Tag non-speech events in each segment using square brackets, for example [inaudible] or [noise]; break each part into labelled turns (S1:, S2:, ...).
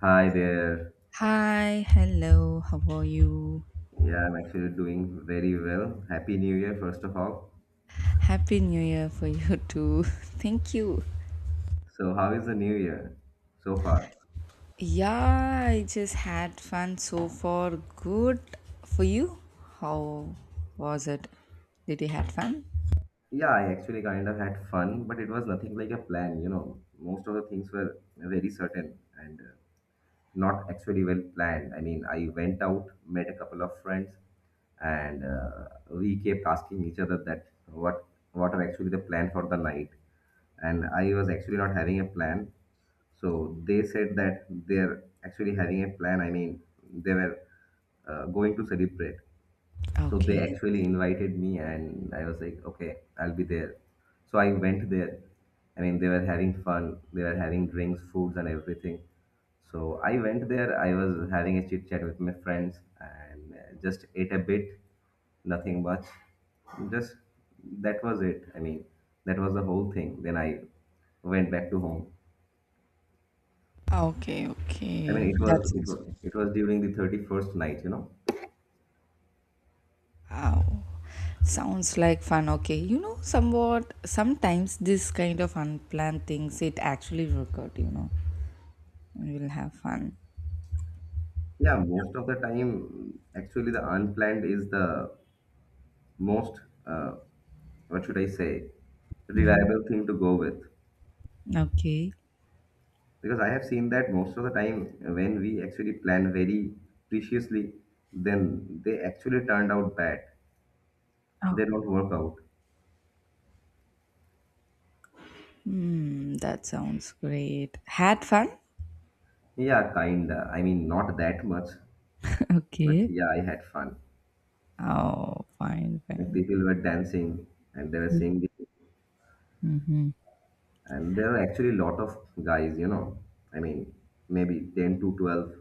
S1: Hi there.
S2: Hi, hello, how are you?
S1: Yeah, I'm actually doing very well. Happy New Year, first of all.
S2: Happy New Year for you too. [laughs] Thank you.
S1: So, how is the new year so far?
S2: Yeah, I just had fun so far. Good for you. How was it? Did you had fun?
S1: Yeah, I actually kind of had fun, but it was nothing like a plan, you know. Most of the things were very certain and not actually well planned. I mean, I went out, met a couple of friends, and we kept asking each other that what are actually the plan for the night. And I was actually not having a plan. So they said that they're actually having a plan. I mean, they were going to celebrate. So they
S2: Okay.
S1: actually invited me, and I was like, okay, I'll be there. So I went there. I mean, they were having fun. They were having drinks, foods, and everything. So I went there. I was having a chit chat with my friends and just ate a bit, nothing much. Just that was it. I mean, that was the whole thing. Then I went back to home.
S2: Okay,
S1: I
S2: okay.
S1: mean, it
S2: That
S1: was it
S2: sounds
S1: was
S2: good.
S1: it was during the 31st night, you know.
S2: Wow. Sounds like fun. Okay. You know, somewhat, sometimes this kind of unplanned things, it actually work out, you know. We'll have fun.
S1: Yeah, most of the time, actually, the unplanned is the most uh, what should I say,
S2: Hmm.
S1: reliable thing to go with
S2: Okay.
S1: because I have seen that most of the time when we actually plan very preciously, then they actually turned out bad. They don't work out.
S2: Hmm, that sounds great. Had fun?
S1: Yeah, kinda. I mean, not that much,
S2: [laughs]
S1: but
S2: Okay.
S1: yeah, I had fun.
S2: Oh, fine,
S1: And
S2: fine.
S1: people were dancing and they were singing.
S2: Mm-hmm.
S1: And there are actually a lot of guys, you know, I mean, maybe 10 to 12.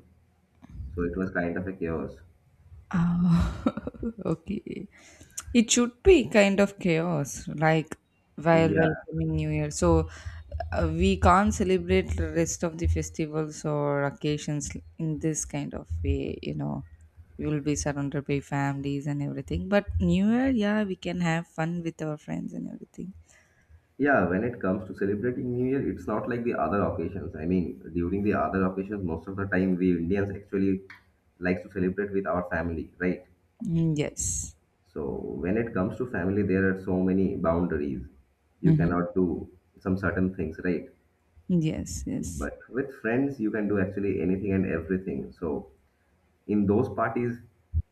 S1: So it was kind of a chaos.
S2: Oh, [laughs] okay. It should be kind of chaos, like while
S1: Yeah.
S2: welcoming New Year. So we can't celebrate the rest of the festivals or occasions in this kind of way, you know. We will be surrounded by families and everything. But New Year, yeah, we can have fun with our friends and everything.
S1: Yeah. When it comes to celebrating New Year, it's not like the other occasions. I mean, during the other occasions, most of the time we Indians actually likes to celebrate with our family, right?
S2: Mm, yes.
S1: So when it comes to family, there are so many boundaries. You
S2: Mm-hmm.
S1: cannot do some certain things, right?
S2: Yes, yes.
S1: But with friends, you can do actually anything and everything. So in those parties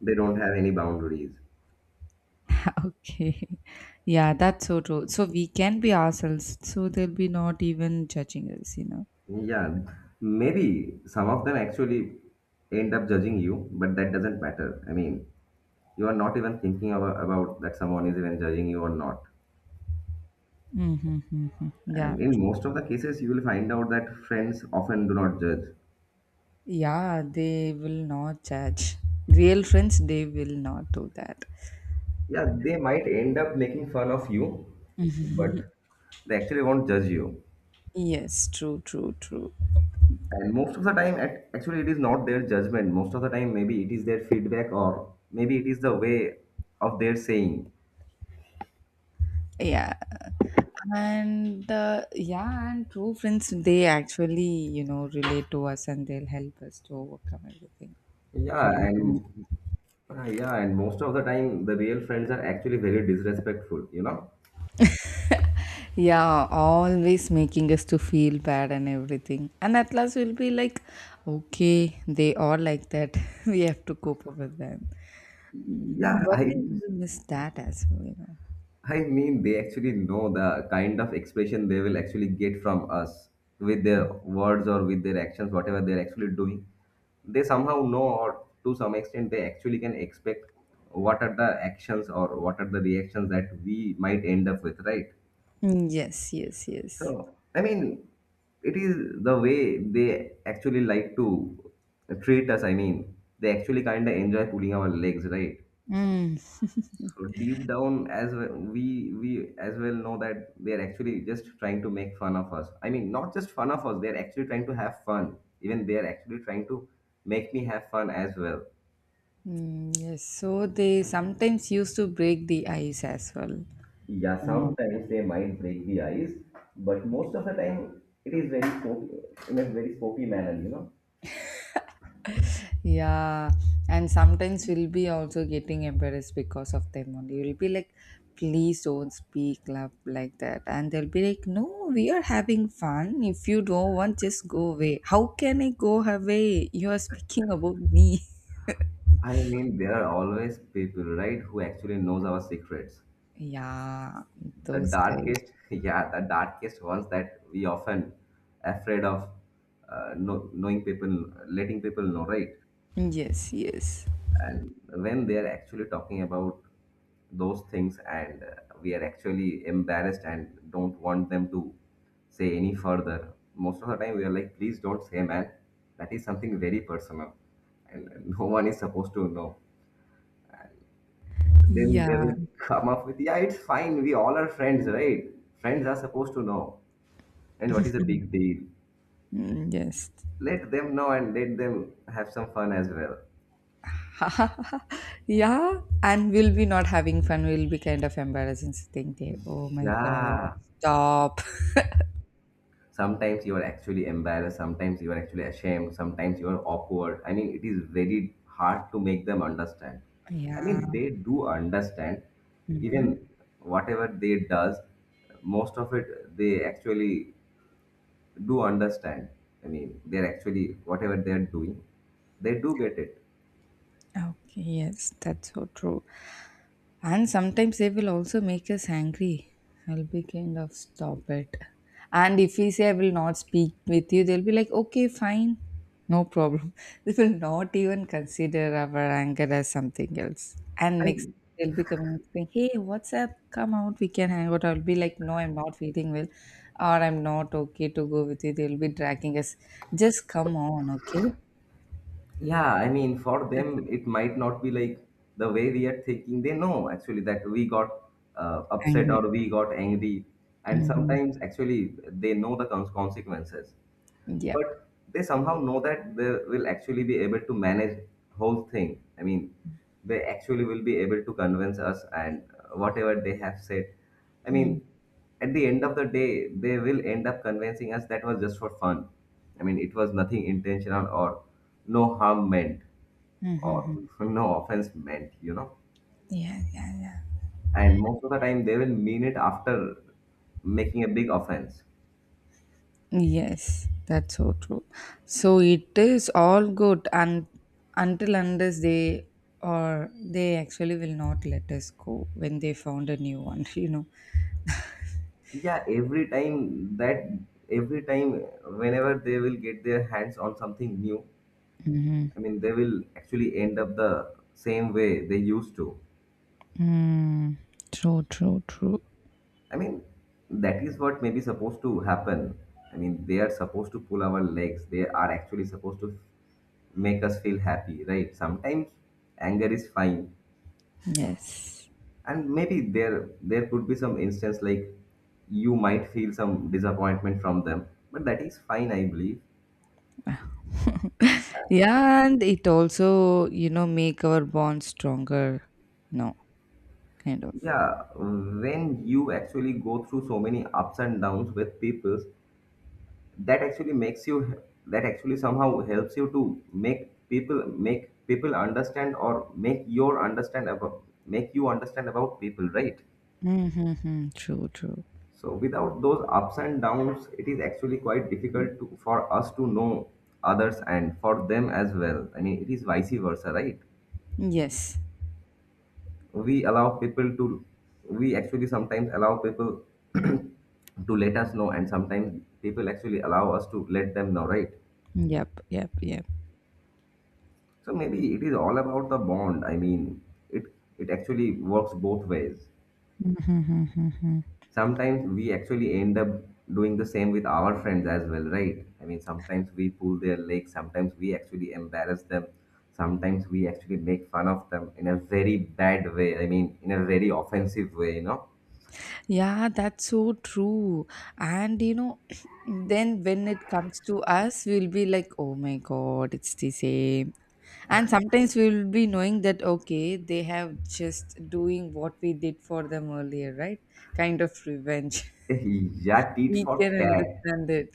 S1: they don't have any boundaries.
S2: [laughs] Okay. Yeah, that's so true. So we can be ourselves, so they'll be not even judging us, you know.
S1: Yeah, maybe some of them actually end up judging you, but that doesn't matter. I mean, you are not even thinking about that someone is even judging you or not.
S2: Mm-hmm. [laughs] Yeah,
S1: And in
S2: true.
S1: most of the cases you will find out that friends often do not judge.
S2: Yeah, they will not judge. Real friends, they will not do that.
S1: Yeah, they might end up making fun of you, but they actually won't judge you.
S2: Yes, true, true, true.
S1: And most of the time actually it is not their judgment. Most of the time maybe it is their feedback or maybe it is the way of their saying.
S2: Yeah. And yeah, and true friends, they actually, you know, relate to us and they'll help us to overcome everything.
S1: Yeah,
S2: According to me.
S1: and yeah, and most of the time the real friends are actually very disrespectful, you know.
S2: [laughs] Yeah, always making us to feel bad and everything and at last we'll be like okay, they are like that. [laughs] We have to cope up with them. Mm,
S1: yeah
S2: one
S1: i
S2: day we will miss that as well, you know.
S1: I mean, they actually know the kind of expression they will actually get from us with their words or with their actions, whatever they're actually doing. They somehow know, or to some extent, they actually can expect what are the actions or what are the reactions that we might end up with, right?
S2: Mm, yes, yes, yes.
S1: So, I mean, it is the way they actually like to treat us. I mean, they actually kind of enjoy pulling our legs, right?
S2: Mm.
S1: So deep down, as well, we as well know that they're actually just trying to make fun of us. I mean, not just fun of us; they're actually trying to have fun. Even they're actually trying to make me have fun as well.
S2: Mm, yes, so they sometimes used to break the ice as well.
S1: Yeah, sometimes they might break the ice, but most of the time it is very spoky, in a very spoky manner, you know.
S2: Yeah, and sometimes we'll be also getting embarrassed because of them only. You'll be like, please don't speak love like that. And they'll be like, no, we are having fun. If you don't want, just go away. How can I go away? You are speaking about me. [laughs]
S1: I mean, there are always people, right, who actually knows our secrets.
S2: Yeah,
S1: The
S2: those guys.
S1: darkest [laughs] yeah, the darkest ones that we often afraid of knowing people, letting people know, right?
S2: Yes, yes.
S1: And when they are actually talking about those things and we are actually embarrassed and don't want them to say any further, most of the time we are like, please don't say, man, that is something very personal and [laughs] no one is supposed to know. Then they
S2: Yeah,
S1: will come up with, yeah, it's fine, we all are friends, right? Friends are supposed to know. And what is a big deal?
S2: mm, yes.
S1: Let them know and let them have some fun as well.
S2: [laughs] Yeah, and we'll be not having fun. We'll be kind of embarrassing sitting there. Oh my God,
S1: Yeah.
S2: stop.
S1: Sometimes you are actually embarrassed, sometimes you are actually ashamed, sometimes you are awkward. I mean, it is very hard to make them understand.
S2: [laughs]
S1: I
S2: Yeah.
S1: mean, they do understand.
S2: Mhm.
S1: Even whatever they does, most of it they actually do understand. I mean, they're actually whatever they're doing, they do get it.
S2: Okay, yes, that's so true. And sometimes they will also make us angry. I'll be kind of stop it. And if we say I will not speak with you, they'll be like, okay, fine, no problem. [laughs] They will not even consider our anger as something else. And
S1: I—
S2: next they'll be coming and saying, hey, what's up? Come out, we can hang out. I'll be like, no, I'm not feeling well, or I'm not okay to go with you. They'll be dragging us. Just come on, okay?
S1: yeah, I mean, for
S2: That's
S1: them, it might not be like the way we are thinking. They know actually that we got upset
S2: anger.
S1: or we got angry, and
S2: Mm-hmm.
S1: sometimes actually they know the consequences,
S2: Yep.
S1: but they somehow know that they will actually be able to manage whole thing. I mean, they actually will be able to convince us, and whatever they have said, I mean,
S2: Mm.
S1: at the end of the day they will end up convincing us that was just for fun. I mean, it was nothing intentional or no harm meant
S2: Hmm. Mm,
S1: or
S2: mm.
S1: [laughs] no offense meant, you know.
S2: Yeah, yeah, yeah.
S1: And most of the time they will mean it after making a big offense.
S2: Yes, that's so true. So it is all good and until unless they or they actually will not let us go when they found a new one, [laughs] you know.
S1: Yeah, every time whenever they will get their hands on something new, I mean they will actually end up the same way they used to.
S2: Mm, true, true, true.
S1: I mean that is what may be supposed to happen. I mean they are supposed to pull our legs, they are actually supposed to make us feel happy, right? Sometimes anger is fine.
S2: Yes.
S1: And maybe there could be some instance like you might feel some disappointment from them, but that is fine, I believe.
S2: Yeah, and it also, you know, make our bond stronger, no, kind of.
S1: Yeah, when you actually go through so many ups and downs with people, that actually makes you— that actually somehow helps you to make people understand or make your understand about make you understand about people, right?
S2: Mm-hmm, true, true.
S1: So without those ups and downs it is actually quite difficult for us to know others and for them as well. I mean it is vice versa, right?
S2: Yes.
S1: we allow people to we actually sometimes allow people [clears throat] to let us know, and sometimes people actually allow us to let them know, right?
S2: Yep, yep, yep.
S1: So maybe it is all about the bond. I mean, it it actually works both ways.
S2: Mm-hmm.
S1: Sometimes we actually end up doing the same with our friends as well, right? I mean sometimes we pull their legs, sometimes we actually embarrass them, sometimes we actually make fun of them in a very bad way. I mean in a very offensive way, you know.
S2: Yeah, that's so true. And you know, [clears throat] then when it comes to us, we'll be like, oh my God, it's the same. And sometimes we'll be knowing that, okay, they have just doing what we did for them earlier, right? Kind of revenge.
S1: Yes.
S2: [laughs]
S1: Yeah, tit
S2: We
S1: for
S2: can
S1: tat.
S2: understand it.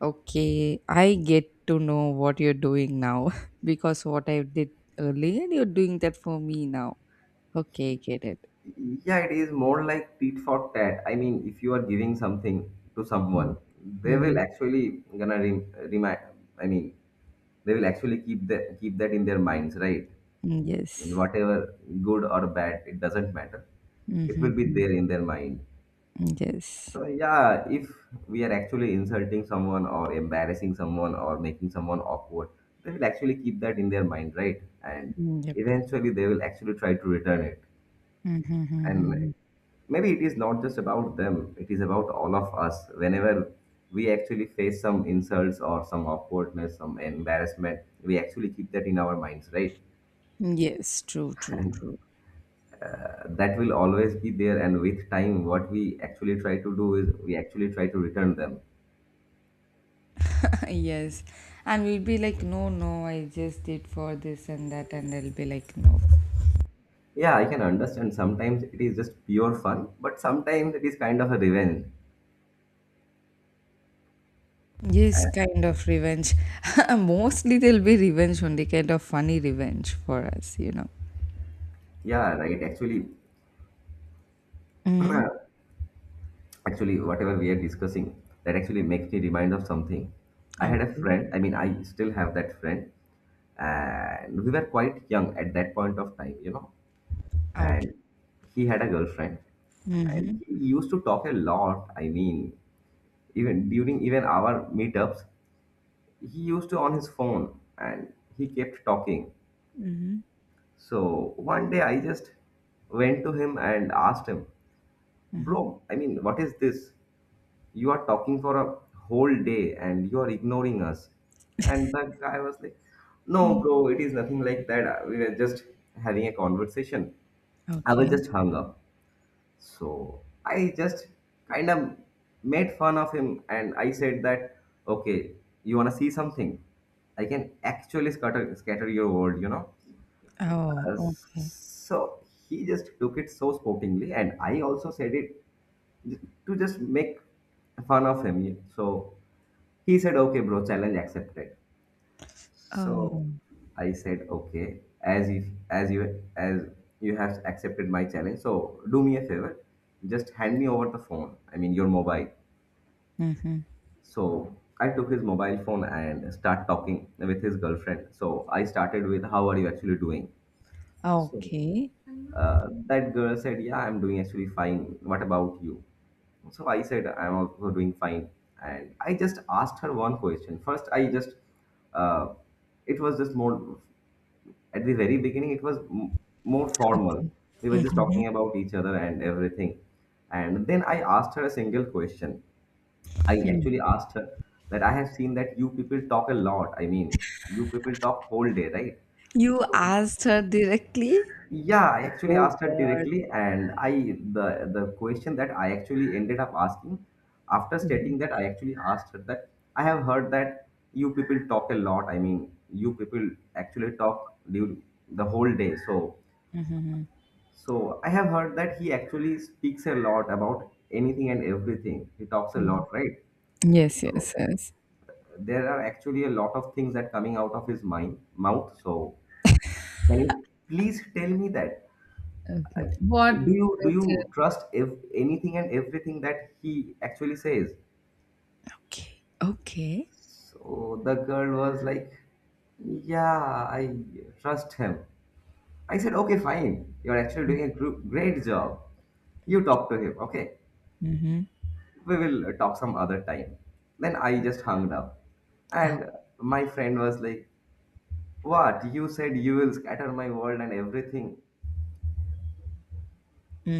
S2: Okay, I get to know what you're doing now, [laughs] because what I did earlier, you're doing that for me now. Okay, get it.
S1: Yeah, it is more like tit for tat. I mean, if you are giving something to
S2: Mm-hmm.
S1: someone, they will
S2: Mm-hmm.
S1: actually gonna remind. I mean, they will actually keep that in their minds, right? I mean,
S2: Yes.
S1: whatever good or bad, it doesn't matter. It will be
S2: Mm-hmm.
S1: there in their mind.
S2: Yes.
S1: So yeah, if we are actually insulting someone or embarrassing someone or making someone awkward, they will actually keep that in their mind, right? And
S2: Yep.
S1: eventually, they will actually try to return it. And
S2: Mm-hmm.
S1: maybe it is not just about them, it is about all of us. Whenever we actually face some insults or some awkwardness, some embarrassment, we actually keep that in our minds, right?
S2: Yes, true, true, true.
S1: That will always be there, and with time what we actually try to do is we actually try to return them.
S2: [laughs] Yes. And we'll be like, no, no, I just did for this and that. And they'll be like, no.
S1: Yeah, I can understand sometimes it is just pure fun, but sometimes it is kind of a revenge.
S2: Yes, kind of revenge. [laughs] Mostly they'll be revenge only, kind of funny revenge for us, you know.
S1: Yeah,
S2: Mm-hmm.
S1: actually whatever we are discussing, that actually makes me remind of something. I had a
S2: Okay.
S1: friend, I mean, I still have that friend, and we were quite young at that point of time, you know.
S2: Okay.
S1: And he had a girlfriend, and
S2: Mm-hmm.
S1: he used to talk a lot. I mean, even during even our meetups he used to on his phone, and he kept talking.
S2: Mm-hmm.
S1: So one day I just went to him and asked him,
S2: Mm-hmm.
S1: bro, I mean, what is this? You are talking for a whole day and you are ignoring us. And the guy was like, no
S2: Mm.
S1: bro, it is nothing like that, we were just having a conversation. I was
S2: Okay.
S1: just hung up. So I just kind of made fun of him, and I said that, okay, you want to see something? I can actually scatter your world, you know?
S2: Oh,
S1: Uh,
S2: okay.
S1: so he just took it so sportingly, and I also said it to just make fun of him. So he said, okay bro, challenge accepted. So
S2: Oh.
S1: I said, okay, as if as you as you have accepted my challenge, so do me a favor, just hand me over the phone. I mean your mobile.
S2: Mm-hmm.
S1: So I took his mobile phone and start talking with his girlfriend. So I started with, how are you actually doing? So
S2: Okay.
S1: uh, that girl said, yeah, I'm doing actually fine. What about you? So I said, I'm also doing fine. And I just asked her one question. First, I just uh, it was just more At the very beginning, more formal.
S2: Okay.
S1: We were just
S2: Mm-hmm.
S1: talking about each other and everything. And then I asked her a single question. I actually asked her that I have seen that you people talk a lot. I mean, you people talk whole day, right?
S2: You
S1: So
S2: asked her directly?
S1: yeah, I actually
S2: Oh
S1: asked her
S2: God.
S1: directly, and I the question that I actually ended up asking after
S2: Mhm.
S1: stating that I actually asked her that I have heard that you people talk a lot. I mean, you people actually talk during the whole day. So
S2: Mhm,
S1: So I have heard that he actually speaks a lot about anything and everything. He talks a
S2: mhm.
S1: lot, right?
S2: Yes,
S1: So
S2: yes, yes.
S1: there are actually a lot of things that coming out of his mind mouth. So can you please tell me that?
S2: Okay. What?
S1: Do you do
S2: It?
S1: you trust if anything and everything that he actually says?
S2: Okay. Okay.
S1: So the girl was like, yeah, I trust him. I said, okay, fine. You're actually doing a great job. You talk to him, okay?
S2: Mm-hmm.
S1: We will talk some other time. Then I just hung up. And my friend was like, what? You said you will scatter my world and everything.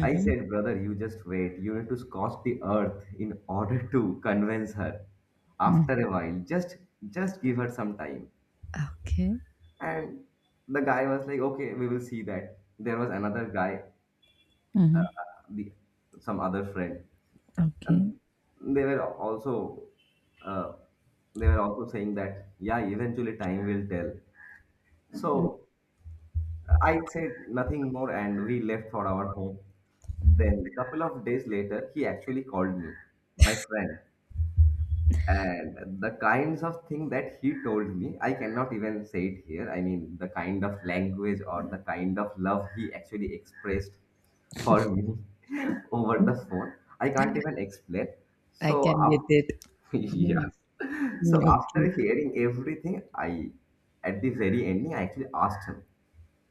S1: I said, brother, you just wait. You need to scorch the earth in order to convince her.
S2: Mm.
S1: After a while, just give her some time.
S2: Okay.
S1: And the guy was like, okay, we will see that. There was another guy,
S2: Mm-hmm.
S1: the some other friend.
S2: Okay.
S1: And they were also uh, they were also saying that yeah, eventually time will tell.
S2: Mm.
S1: So I said nothing more and we left for our home. Then couple of days later he actually called me, my friend, and the kinds of thing that he told me, I cannot even say it here. I mean the kind of language or the kind of love he actually expressed for me [laughs] over the phone, I can't even explain.
S2: I
S1: So
S2: can get it.
S1: after [laughs]
S2: Mm.
S1: yeah. So
S2: Mm,
S1: after
S2: okay.
S1: hearing everything, I at the very ending I actually asked him,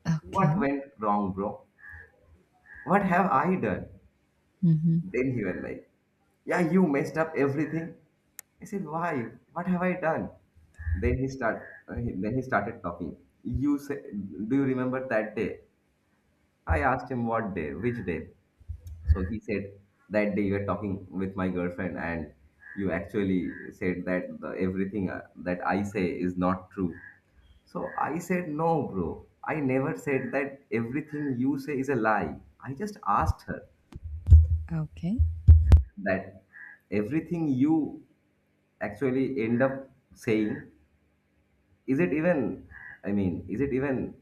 S2: Okay.
S1: what went wrong, bro? What have I done?
S2: Mm-hmm.
S1: Then he was like, yeah, you messed up everything. I said, why? What have I done? Then he start then he started talking. You say, do you remember that day? I asked him what day, which day? So he said that day you were talking with my girlfriend and you actually said that everything that I say is not true. So I said, no, bro. I never said that everything you say is a lie. I just asked her
S2: Okay.
S1: that everything you actually end up saying, is it even, is it even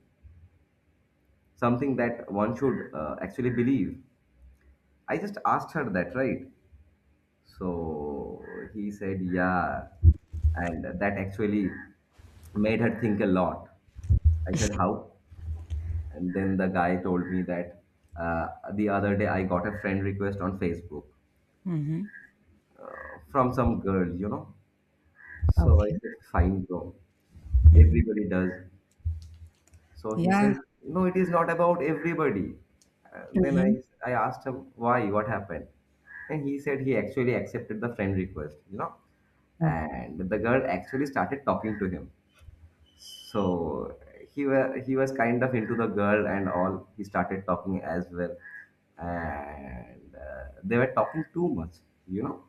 S1: something that one should actually believe? I just asked her that, right? So he said, yeah. And that actually made her think a lot. I said, how? And then the guy told me that uh, the other day I got a friend request on Facebook
S2: Mm-hmm.
S1: from some girl, you know. So I
S2: Okay.
S1: said, fine, bro.
S2: Mm-hmm.
S1: Everybody does. So he
S2: Yeah.
S1: said, no, it is not about everybody. Uh, then
S2: Mm-hmm.
S1: I, I asked him, why? What happened? And he said he actually accepted the friend request, you know.
S2: Oh.
S1: And the girl actually started talking to him. So he was kind of into the girl and all. He started talking as well, and they were talking too much, you know.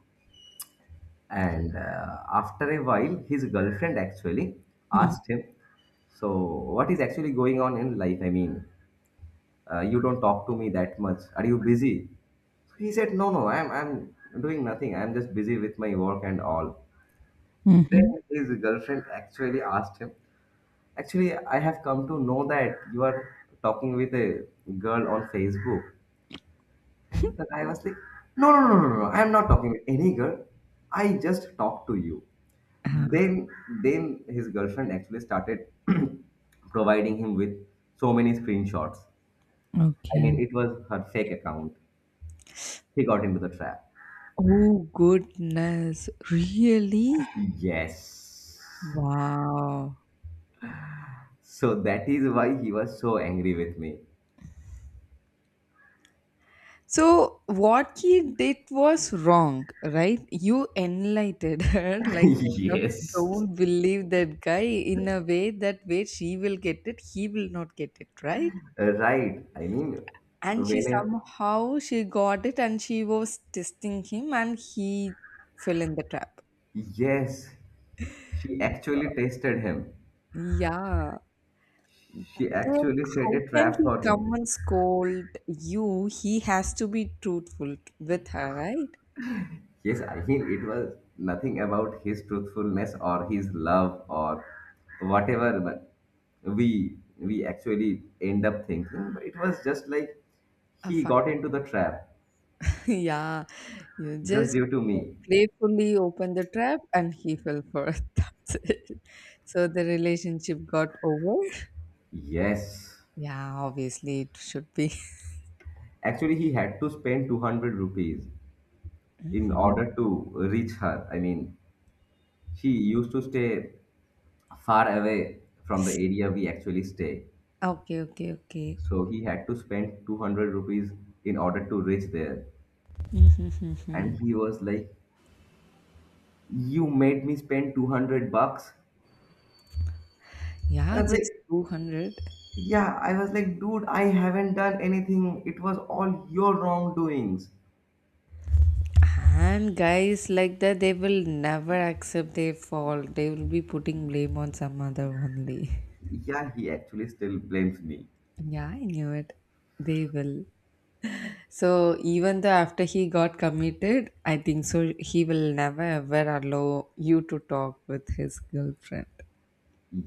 S1: And after a while, his girlfriend actually asked
S2: Mm-hmm.
S1: him, "So what is actually going on in life? I mean, you don't talk to me that much. Are you busy?" So he said, "No, no, I'm doing nothing. I'm just busy with my work and all."
S2: Mm-hmm.
S1: Then his girlfriend actually asked him, actually, I have come to know that you are talking with a girl on Facebook. And
S2: [laughs]
S1: the guy was like, no, no, no, no, no, I'm not talking with any girl. I just talked to you.
S2: Oh,
S1: Then, then his girlfriend actually started [clears throat] providing him with so many screenshots. I
S2: okay.
S1: mean, it was her fake account. He got into the trap.
S2: Oh goodness, really?
S1: Yes.
S2: Wow.
S1: So that is why he was so angry with me.
S2: So what he did was wrong, right? You enlightened her, [laughs] like
S1: [laughs]
S2: kind of
S1: Yes.
S2: don't believe that guy in a way that where she will get it, he will not get it, right?
S1: Right. I mean,
S2: And she
S1: whenever
S2: somehow she got it and she was testing him and he fell in the trap.
S1: yes, she actually tested him.
S2: Yeah.
S1: She
S2: Then
S1: actually set
S2: how
S1: a
S2: can
S1: trap
S2: he
S1: for him.
S2: come and scold you? He has to be truthful with her, right?
S1: Yes, I mean, it was nothing about his truthfulness or his love or whatever, but we actually end up thinking. But it was just like
S2: A
S1: he
S2: fun.
S1: got into the trap
S2: [laughs] Yeah, you
S1: just
S2: just
S1: due to me.
S2: playfully open the trap and he fell for it. [laughs] That's it. So the relationship got over.
S1: Yes.
S2: Yeah, obviously it should be.
S1: Actually, he had to spend 200 rupees in
S2: Mhm.
S1: order to reach her. I mean, she used to stay far away from the
S2: [laughs]
S1: area we actually stay.
S2: Okay, okay, okay.
S1: So he had to spend 200 rupees in order to reach there.
S2: Mhm, mhm,
S1: And
S2: mhm.
S1: he was like, you made me spend 200 bucks?
S2: Yeah,
S1: I was
S2: just
S1: like,
S2: 200.
S1: yeah, I was like, dude, I haven't done anything. It was all your wrongdoings.
S2: And guys like that, they will never accept their fault. They will be putting blame on some other only. [laughs]
S1: Yeah, he actually still blames me.
S2: Yeah, I knew it. They will. So even though after he got committed, I think so he will never ever allow you to talk with his girlfriend.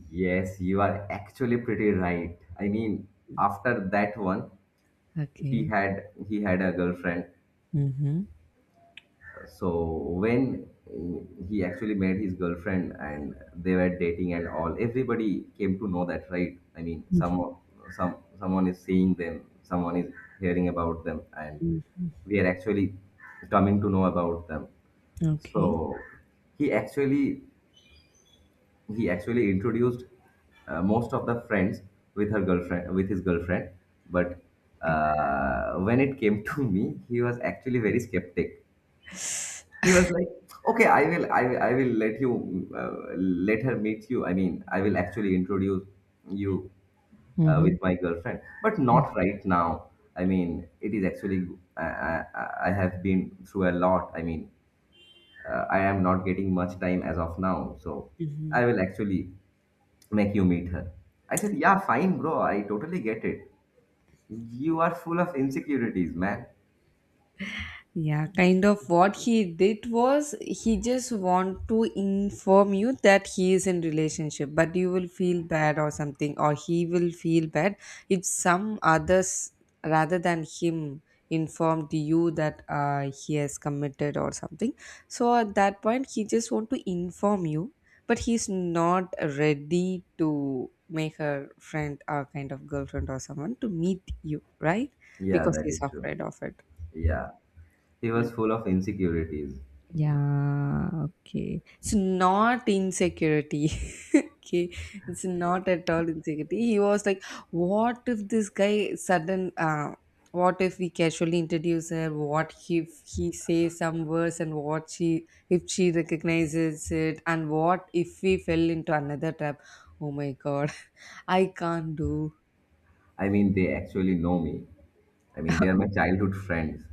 S1: Yes, you are actually pretty right. I mean, after that one, he
S2: Okay.
S1: had he had a girlfriend.
S2: Mm-hmm.
S1: So when he actually met his girlfriend and they were dating and all, everybody came to know that, right? I mean, some someone is seeing them, someone is hearing about them, and we are actually coming to know about them.
S2: Okay.
S1: So he actually he actually introduced most of the friends with his girlfriend, but when it came to me, he was actually very skeptic. He was like, "Okay, I will let you, let her meet you. I mean, I will actually introduce you
S2: Mm-hmm.
S1: with my girlfriend, but not right now. I mean, it is actually, I have been through a lot. I mean, I am not getting much time as of now, so
S2: Mm-hmm.
S1: I will actually make you meet her." I said, "Yeah, fine, bro. I totally get it. You are full of insecurities, man."
S2: Yeah, kind of what he did was he just want to inform you that he is in relationship, but you will feel bad or something, or he will feel bad if some others rather than him informed you that he has committed or something. So at that point, he just want to inform you, but he's not ready to make her friend or kind of girlfriend or someone to meet you, right?
S1: Yeah,
S2: Because
S1: that
S2: he's
S1: is true.
S2: afraid of it.
S1: Yeah, he
S2: Hmm.
S1: was full of insecurities.
S2: Yeah, okay. It's not insecurity. [laughs] Okay. It's not at all insecurity. He was like, what if this guy sudden what if we casually introduce her? What if he says some words and what she if she recognizes it and what if we fell into another trap? Oh my god, [laughs] I can't do.
S1: I mean, they actually know me. I mean, they are
S2: [laughs]
S1: my childhood friends.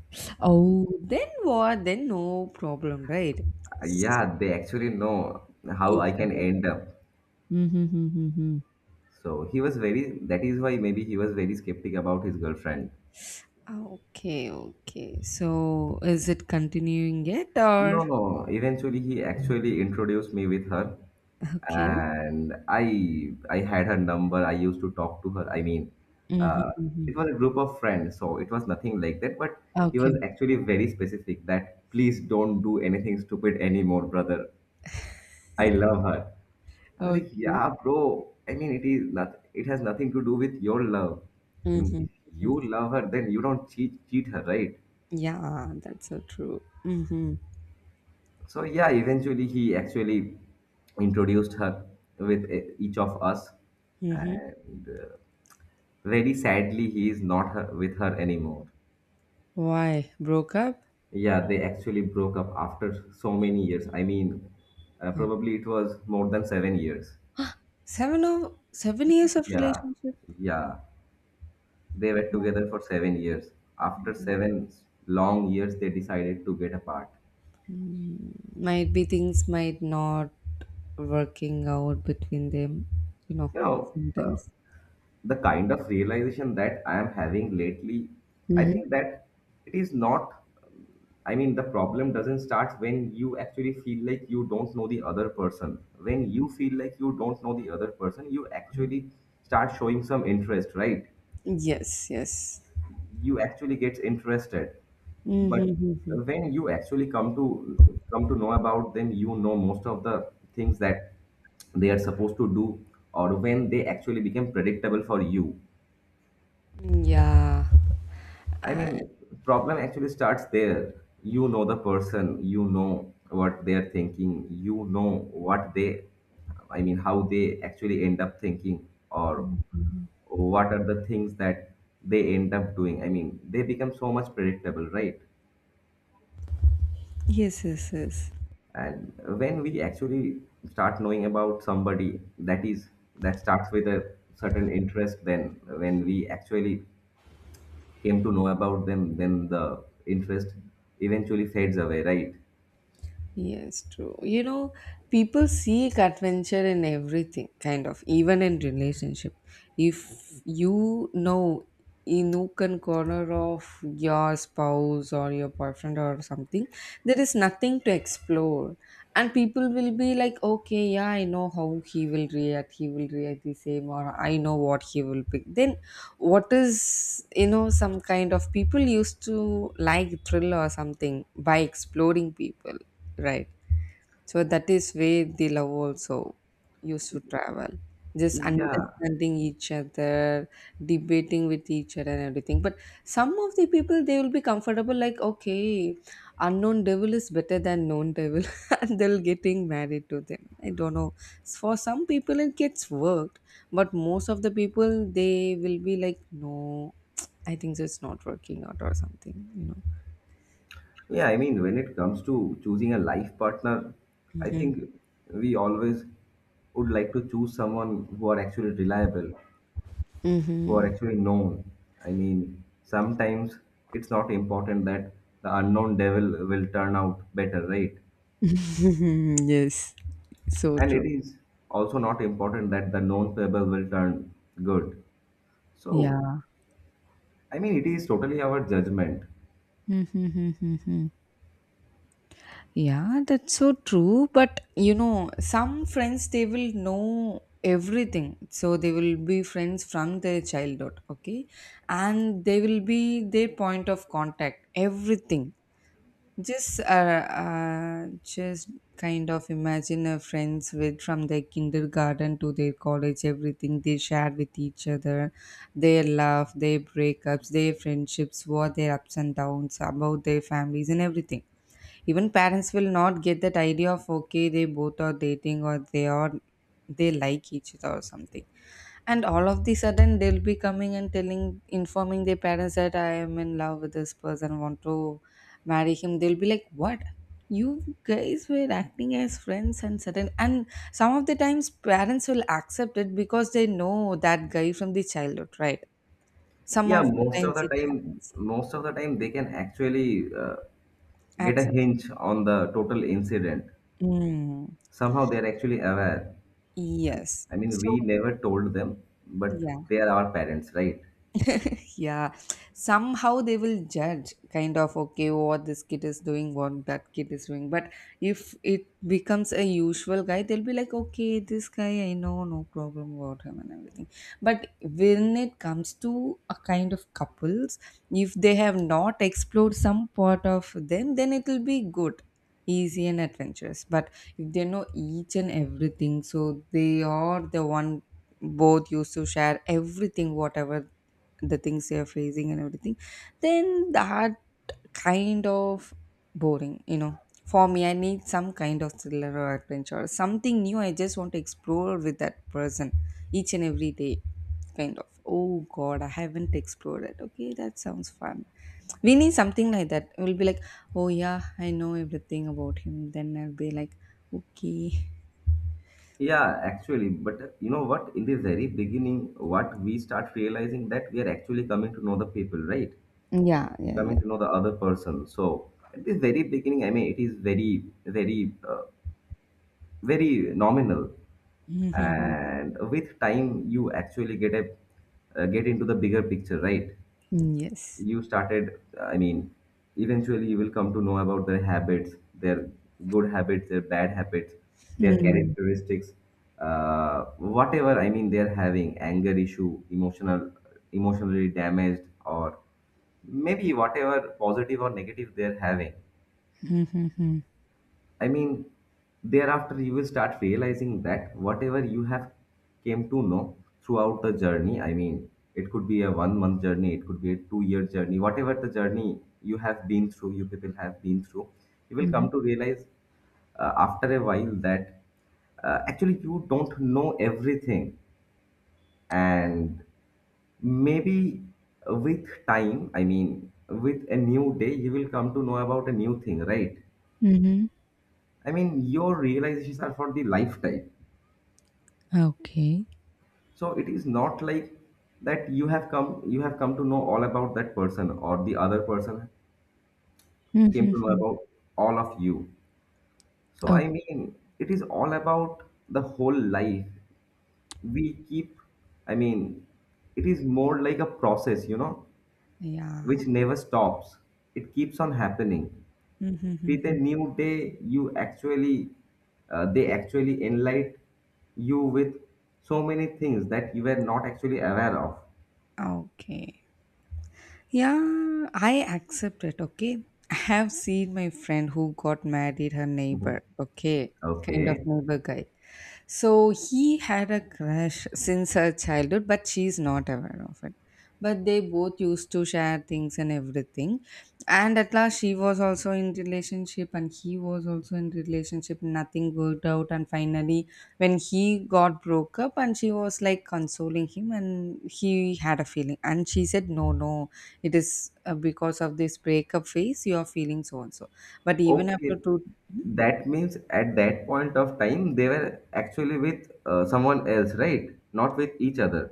S2: Oh then what? Then no problem, right?
S1: Yeah, they actually know how
S2: Each
S1: I can
S2: other.
S1: end up.
S2: Mm-hmm.
S1: So he was very, that is why maybe he was very skeptic about his girlfriend.
S2: Ah, okay, okay. So is it continuing yet or
S1: No, no, eventually he actually introduced me with her,
S2: okay?
S1: and I had her number. I used to talk to her. I mean,
S2: Mm-hmm,
S1: uh, it
S2: mm-hmm.
S1: was a group of friends, so it was nothing like that, but he was
S2: Okay,
S1: actually very specific that please don't do anything stupid anymore, brother. I love her. I was like,
S2: okay.
S1: yeah, bro. I mean, it is not, it has nothing to do with your love. I mean,
S2: Mm-hmm,
S1: if
S2: mm-hmm.
S1: you love her, then you don't cheat her, right?
S2: Yeah, that's so true. Mm-hmm,
S1: So yeah, eventually he actually introduced her with each of us,
S2: mm-hmm.
S1: and very sadly, he is not her, with her anymore.
S2: Why broke up?
S1: Yeah, they actually broke up after so many years. I mean,
S2: Oh,
S1: probably it was more than 7 years.
S2: 7 years of
S1: Yeah,
S2: relationship.
S1: yeah. They were together for 7 years. After 7 long years, they decided to get apart.
S2: Mm, might be things might not working out between them. You know,
S1: You know,
S2: sometimes.
S1: the kind of realization that I am having lately, I
S2: Mm-hmm.
S1: think that it is not, I mean, the problem doesn't start when you actually feel like you don't know the other person. When you feel like you don't know the other person, you actually start showing some interest, right?
S2: Yes, yes.
S1: You actually get interested,
S2: Mm-hmm,
S1: but
S2: mm-hmm.
S1: when you actually come to know about them, you know most of the things that they are supposed to do, or when they actually become predictable for you.
S2: Mm, yeah.
S1: I mean, problem actually starts there. You know the person, you know what they are thinking, you know what they, I mean, how they actually end up thinking, or what are the things that they end up doing. I mean, they become so much predictable, right?
S2: Yes, yes, yes.
S1: And when we actually start knowing about somebody, that is that starts with a certain interest, then when we actually came to know about them, then the interest eventually fades away, right?
S2: Yes, true. You know, people seek adventure in everything, kind of, even in relationship. If you know a nook and corner of your spouse or your boyfriend or something, there is nothing to explore. And people will be like, okay, yeah, I know how he will react. He will react the same, or I know what he will pick. Then, what is, you know, some kind of people used to like thrill or something by exploring people. Right. So that is where the love also used to travel. Just
S1: Yeah,
S2: understanding each other, debating with each other and everything. But some of the people they will be comfortable like, okay, unknown devil is better than known devil, [laughs] and they'll getting married to them. I don't know. For some people it gets worked, but most of the people they will be like, no, [tsk] I think so, it's not working out or something, you know.
S1: yeah, I mean, when it comes to choosing a life partner, I
S2: Mm-hmm.
S1: think we always would like to choose someone who are actually reliable. Who are
S2: Mm-hmm.
S1: actually known. I mean, sometimes it's not important that the unknown devil will turn out better, right?
S2: [laughs] Yes. So
S1: And
S2: true.
S1: it is also not important that the known people will turn good. So,
S2: Yeah.
S1: I mean, it is totally our judgment.
S2: Mm-hmm. Yeah, that's so true. But you know, some friends they will know everything. So they will be friends from their childhood, okay? And they will be their point of contact, everything. Just kind of imagine a friends with from their kindergarten to their college, everything they share with each other, their love, their breakups, their friendships, what their ups and downs, about their families and everything. Even parents will not get that idea of, okay, they both are dating or they are they like each other or something, and all of the sudden they'll be coming and telling informing their parents that, "I am in love with this person, want to marry him." They'll be like, "What? You guys were acting as friends and certain and." Some of the times parents will accept it because they know that guy from the childhood, right? Some
S1: Yeah,
S2: of the
S1: most of
S2: times
S1: the
S2: it
S1: time,
S2: happens,
S1: most of the time they can actually get a
S2: accept.
S1: hinge on the total incident.
S2: mm,
S1: Somehow they are actually aware.
S2: yes,
S1: I mean,
S2: so
S1: we never told them, but
S2: yeah.
S1: they are our parents, right?
S2: [laughs] Yeah, somehow they will judge, kind of, okay, what this kid is doing, what that kid is doing. But if it becomes a usual guy, they'll be like, okay, this guy I know, no problem about him and everything. But when it comes to a kind of couples, if they have not explored some part of them, then it will be good, easy and adventurous. But if they know each and everything, so they are the one, both used to share everything, whatever the things you're facing and everything, then that kind of boring, you know. For me, I need some kind of thriller or adventure, something new, I just want to explore with that person each and every day, kind of, "Oh god, I haven't explored it, okay, that sounds fun." We need something like that. We'll be like, "Oh yeah, I know everything about him," then I'll be like, okay.
S1: Yeah, actually, but you know what? In the very beginning, what we start realizing that we are actually coming to know the people, right?
S2: Yeah, yeah, yeah.
S1: Coming to know the other person. So at the very beginning, I mean, it is very, very, very nominal,
S2: Mhm.
S1: and with time, you actually get a get into the bigger picture, right?
S2: Yes.
S1: You started, I mean, eventually you will come to know about their habits, their good habits, their bad habits, their
S2: Mm.
S1: characteristics, whatever, I mean, they're having anger issue, emotionally damaged or maybe whatever positive or negative they're having.
S2: Mhm.
S1: I mean, thereafter you will start realizing that whatever you have came to know throughout the journey, I mean, it could be a 1 month journey, it could be a 2 year journey, whatever the journey you have been through, you people have been through, you will
S2: Mhm.
S1: come to realize after a while that actually you don't know everything. And maybe with time, I mean, with a new day, you will come to know about a new thing, right?
S2: Mhm.
S1: I mean, your realizations are for the lifetime.
S2: Okay.
S1: So it is not like that you have come to know all about that person or the other person came to know
S2: Mhm.
S1: about all of you. So
S2: Oh.
S1: I mean, it is all about the whole life. We keep, I mean, it is more like a process, you know,
S2: Yeah.
S1: which never stops. It keeps on happening. With a
S2: Mhm.
S1: new day you actually they actually enlighten you with so many things that you were not actually aware of.
S2: Okay. Yeah, I accept it. Okay, I have seen my friend who got married, her
S1: Mhm.
S2: neighbor. Okay, kind of
S1: Okay,
S2: neighbor guy. So he had a crush since her childhood, but she's not aware of it. But they both used to share things and everything. And at last she was also in relationship and he was also in relationship. Nothing worked out. And finally when he got broke up and she was like consoling him and he had a feeling. And she said, "No, no, it is because of this breakup phase you are feeling so and so." But even
S1: okay,
S2: after two.
S1: that means at that point of time they were actually with someone else, right? Not with each other.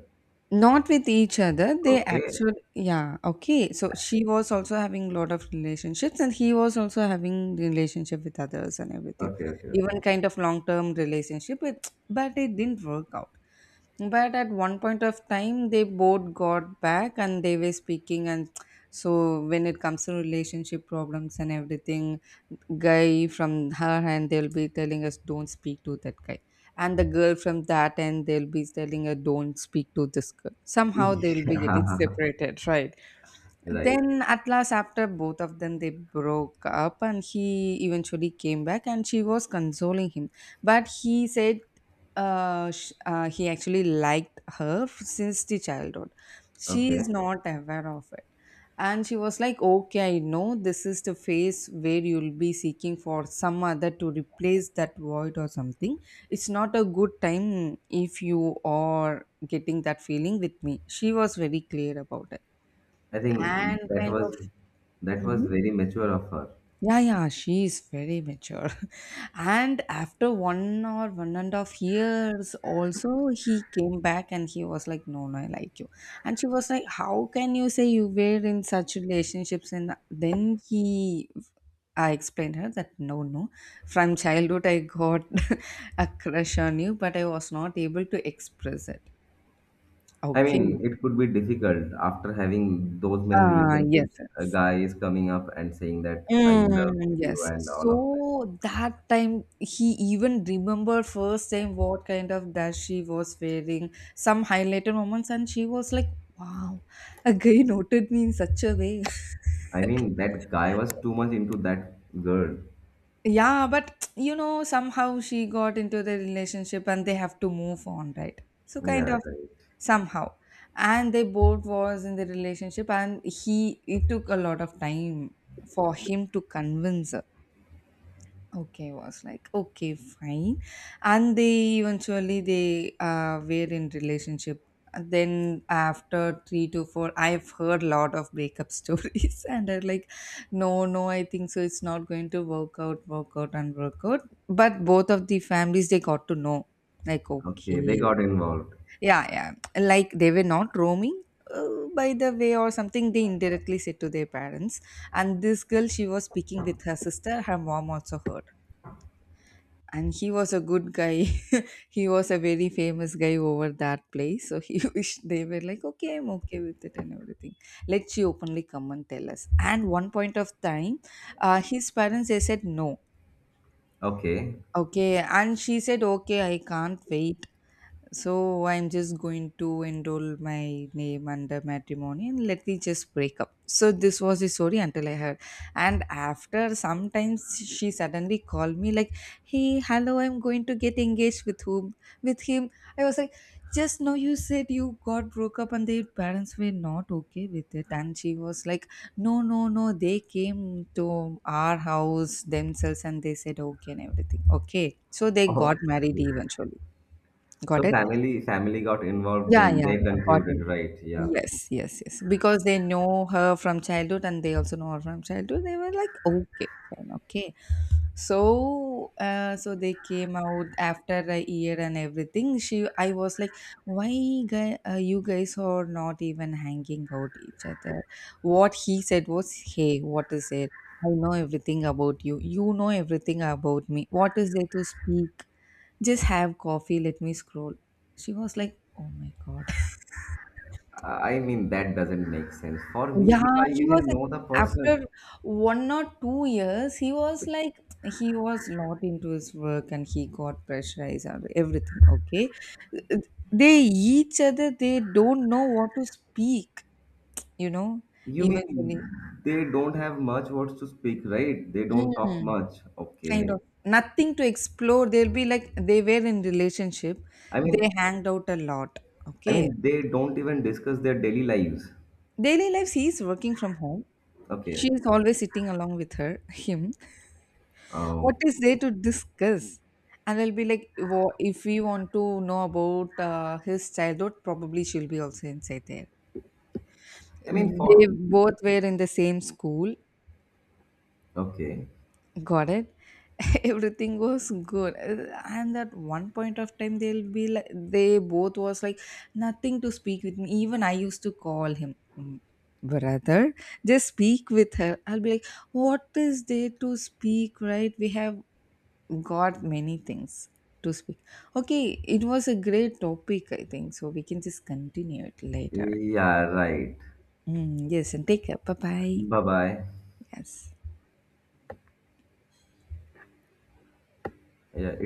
S2: Not with each other. They
S1: Okay,
S2: actually, yeah, okay. So she was also having a lot of relationships, and he was also having relationship with others and everything,
S1: okay, okay, okay.
S2: even kind of long term relationship. But it didn't work out. But at one point of time, they both got back and they were speaking. And so, when it comes to relationship problems and everything, guy from her end, they'll be telling us, "Don't speak to that guy." And the girl from that end, they'll be telling her, "Don't speak to this girl."
S1: [laughs]
S2: Somehow, they'll be getting
S1: Yeah,
S2: separated, right?
S1: right.
S2: Then at last, after both of them, they broke up, and he eventually came back, and she was consoling him. But he said, he actually liked her since the childhood. She
S1: Okay,
S2: is not aware of it, and she was like, "Okay, I know this is the phase where you'll be seeking for some other to replace that void or something. It's not a good time if you are getting that feeling with me." She was very clear about it
S1: I think
S2: and
S1: that
S2: kind
S1: was
S2: of.
S1: that was
S2: Mhm.
S1: very mature of her.
S2: Yeah, yeah, she is very mature. [laughs] And after one or one and a half years also he came back and he was like, "No, no, I like you." And she was like, "How can you say? You were in such relationships." And then he, I explained her that, "No, no, from childhood I got [laughs] a crush on you, but I was not able to express it."
S1: I
S2: Okay.
S1: mean, it could be difficult after having those many
S2: Ah, yes.
S1: relationships. A guy is coming up and saying that I love
S2: Mm,
S1: you
S2: yes.
S1: and all of that.
S2: So that time he even remember first time what kind of dress she was wearing, some highlighted moments, and she was like, wow, a guy noted me in such a way. [laughs]
S1: I mean, that guy was too much into that girl.
S2: Yeah, but you know, somehow she got into the relationship and they have to move on, right? So kind
S1: Yeah,
S2: of
S1: right.
S2: somehow. And they both was in the relationship and he, it took a lot of time for him to convince. Okay, I was like, okay, fine. And they eventually they were in relationship. And then after three to four, I've heard a lot of breakup [laughs] stories, and I'm like, no, no, I think so, it's not going to work out, and work out. But both of the families they got to know, like,
S1: Okay, they
S2: okay,
S1: got involved.
S2: yeah, yeah, like they were not roaming. By the way, or something they indirectly said to their parents, and this girl she was speaking with her sister, her mom also heard, and he was a good guy. [laughs] He was a very famous guy over that place, so he [laughs] wished, they were like, okay, I'm okay with it and everything, let she openly come and tell us. And one point of time, his parents they said no.
S1: Okay.
S2: Okay. And she said, okay, I can't wait, so I'm just going to enroll my name under matrimony and let me just break up. So this was the story until I heard. And after sometimes she suddenly called me like, "Hey, hello, I'm going to get engaged." "With whom?" "With him." I was like, just now you said you got broke up and their parents were not okay with it. And she was like, "No, no, no, they came to our house themselves and they said okay and everything." Okay, so they
S1: Oh,
S2: got married eventually. Got
S1: so
S2: it?
S1: family got involved,
S2: Yeah,
S1: then
S2: yeah,
S1: they
S2: yeah. Got it.
S1: concluded, right? Yeah.
S2: Yes, yes, yes. Because they know her from childhood and they also know her from childhood. They were like, okay, fine, okay. So, so they came out after a year and everything. She, I was like, why guy, you guys are not even hanging out each other? What he said was, "Hey, what is it? I know everything about you. You know everything about me. What is there to speak? Just have coffee. Let me scroll." She was like, "Oh my god."
S1: I mean, that doesn't make sense. For me,
S2: Yeah,
S1: if I
S2: he was
S1: even
S2: like,
S1: know the
S2: after
S1: person,
S2: one or two years, he was like, he was lot into his work and he got pressurized and everything. Okay. They each other, they don't know what to speak, you know,
S1: you mean
S2: eventually.
S1: they don't have much words to speak, right? They don't talk
S2: Mm,
S1: much.
S2: kind
S1: Okay.
S2: of nothing to explore. They'll be like, they were in relationship,
S1: I mean,
S2: they hanged out a lot.
S1: I
S2: Okay.
S1: mean, they don't even discuss their daily lives.
S2: Daily lives, he's working from home.
S1: Okay.
S2: She's always sitting along with her, [laughs] him. What
S1: Oh,
S2: is there to discuss? And I'll be like, "Wo- if we want to know about his childhood, probably she'll be also inside there.
S1: I mean,
S2: They
S1: for
S2: both were in the same school."
S1: okay,
S2: Got it. [laughs] Everything was good. And at one point of time, they'll be like, they both was like, nothing to speak with me. Even I used to call him, "Mm, brother, just speak with her." I'll be like, what is there to speak, right? We have got many things to speak. Okay, it was a great topic, I think. So we can just continue it later.
S1: yeah, right.
S2: Mm, yes, and take care. Bye bye.
S1: Bye bye.
S2: Yes.
S1: Yeah,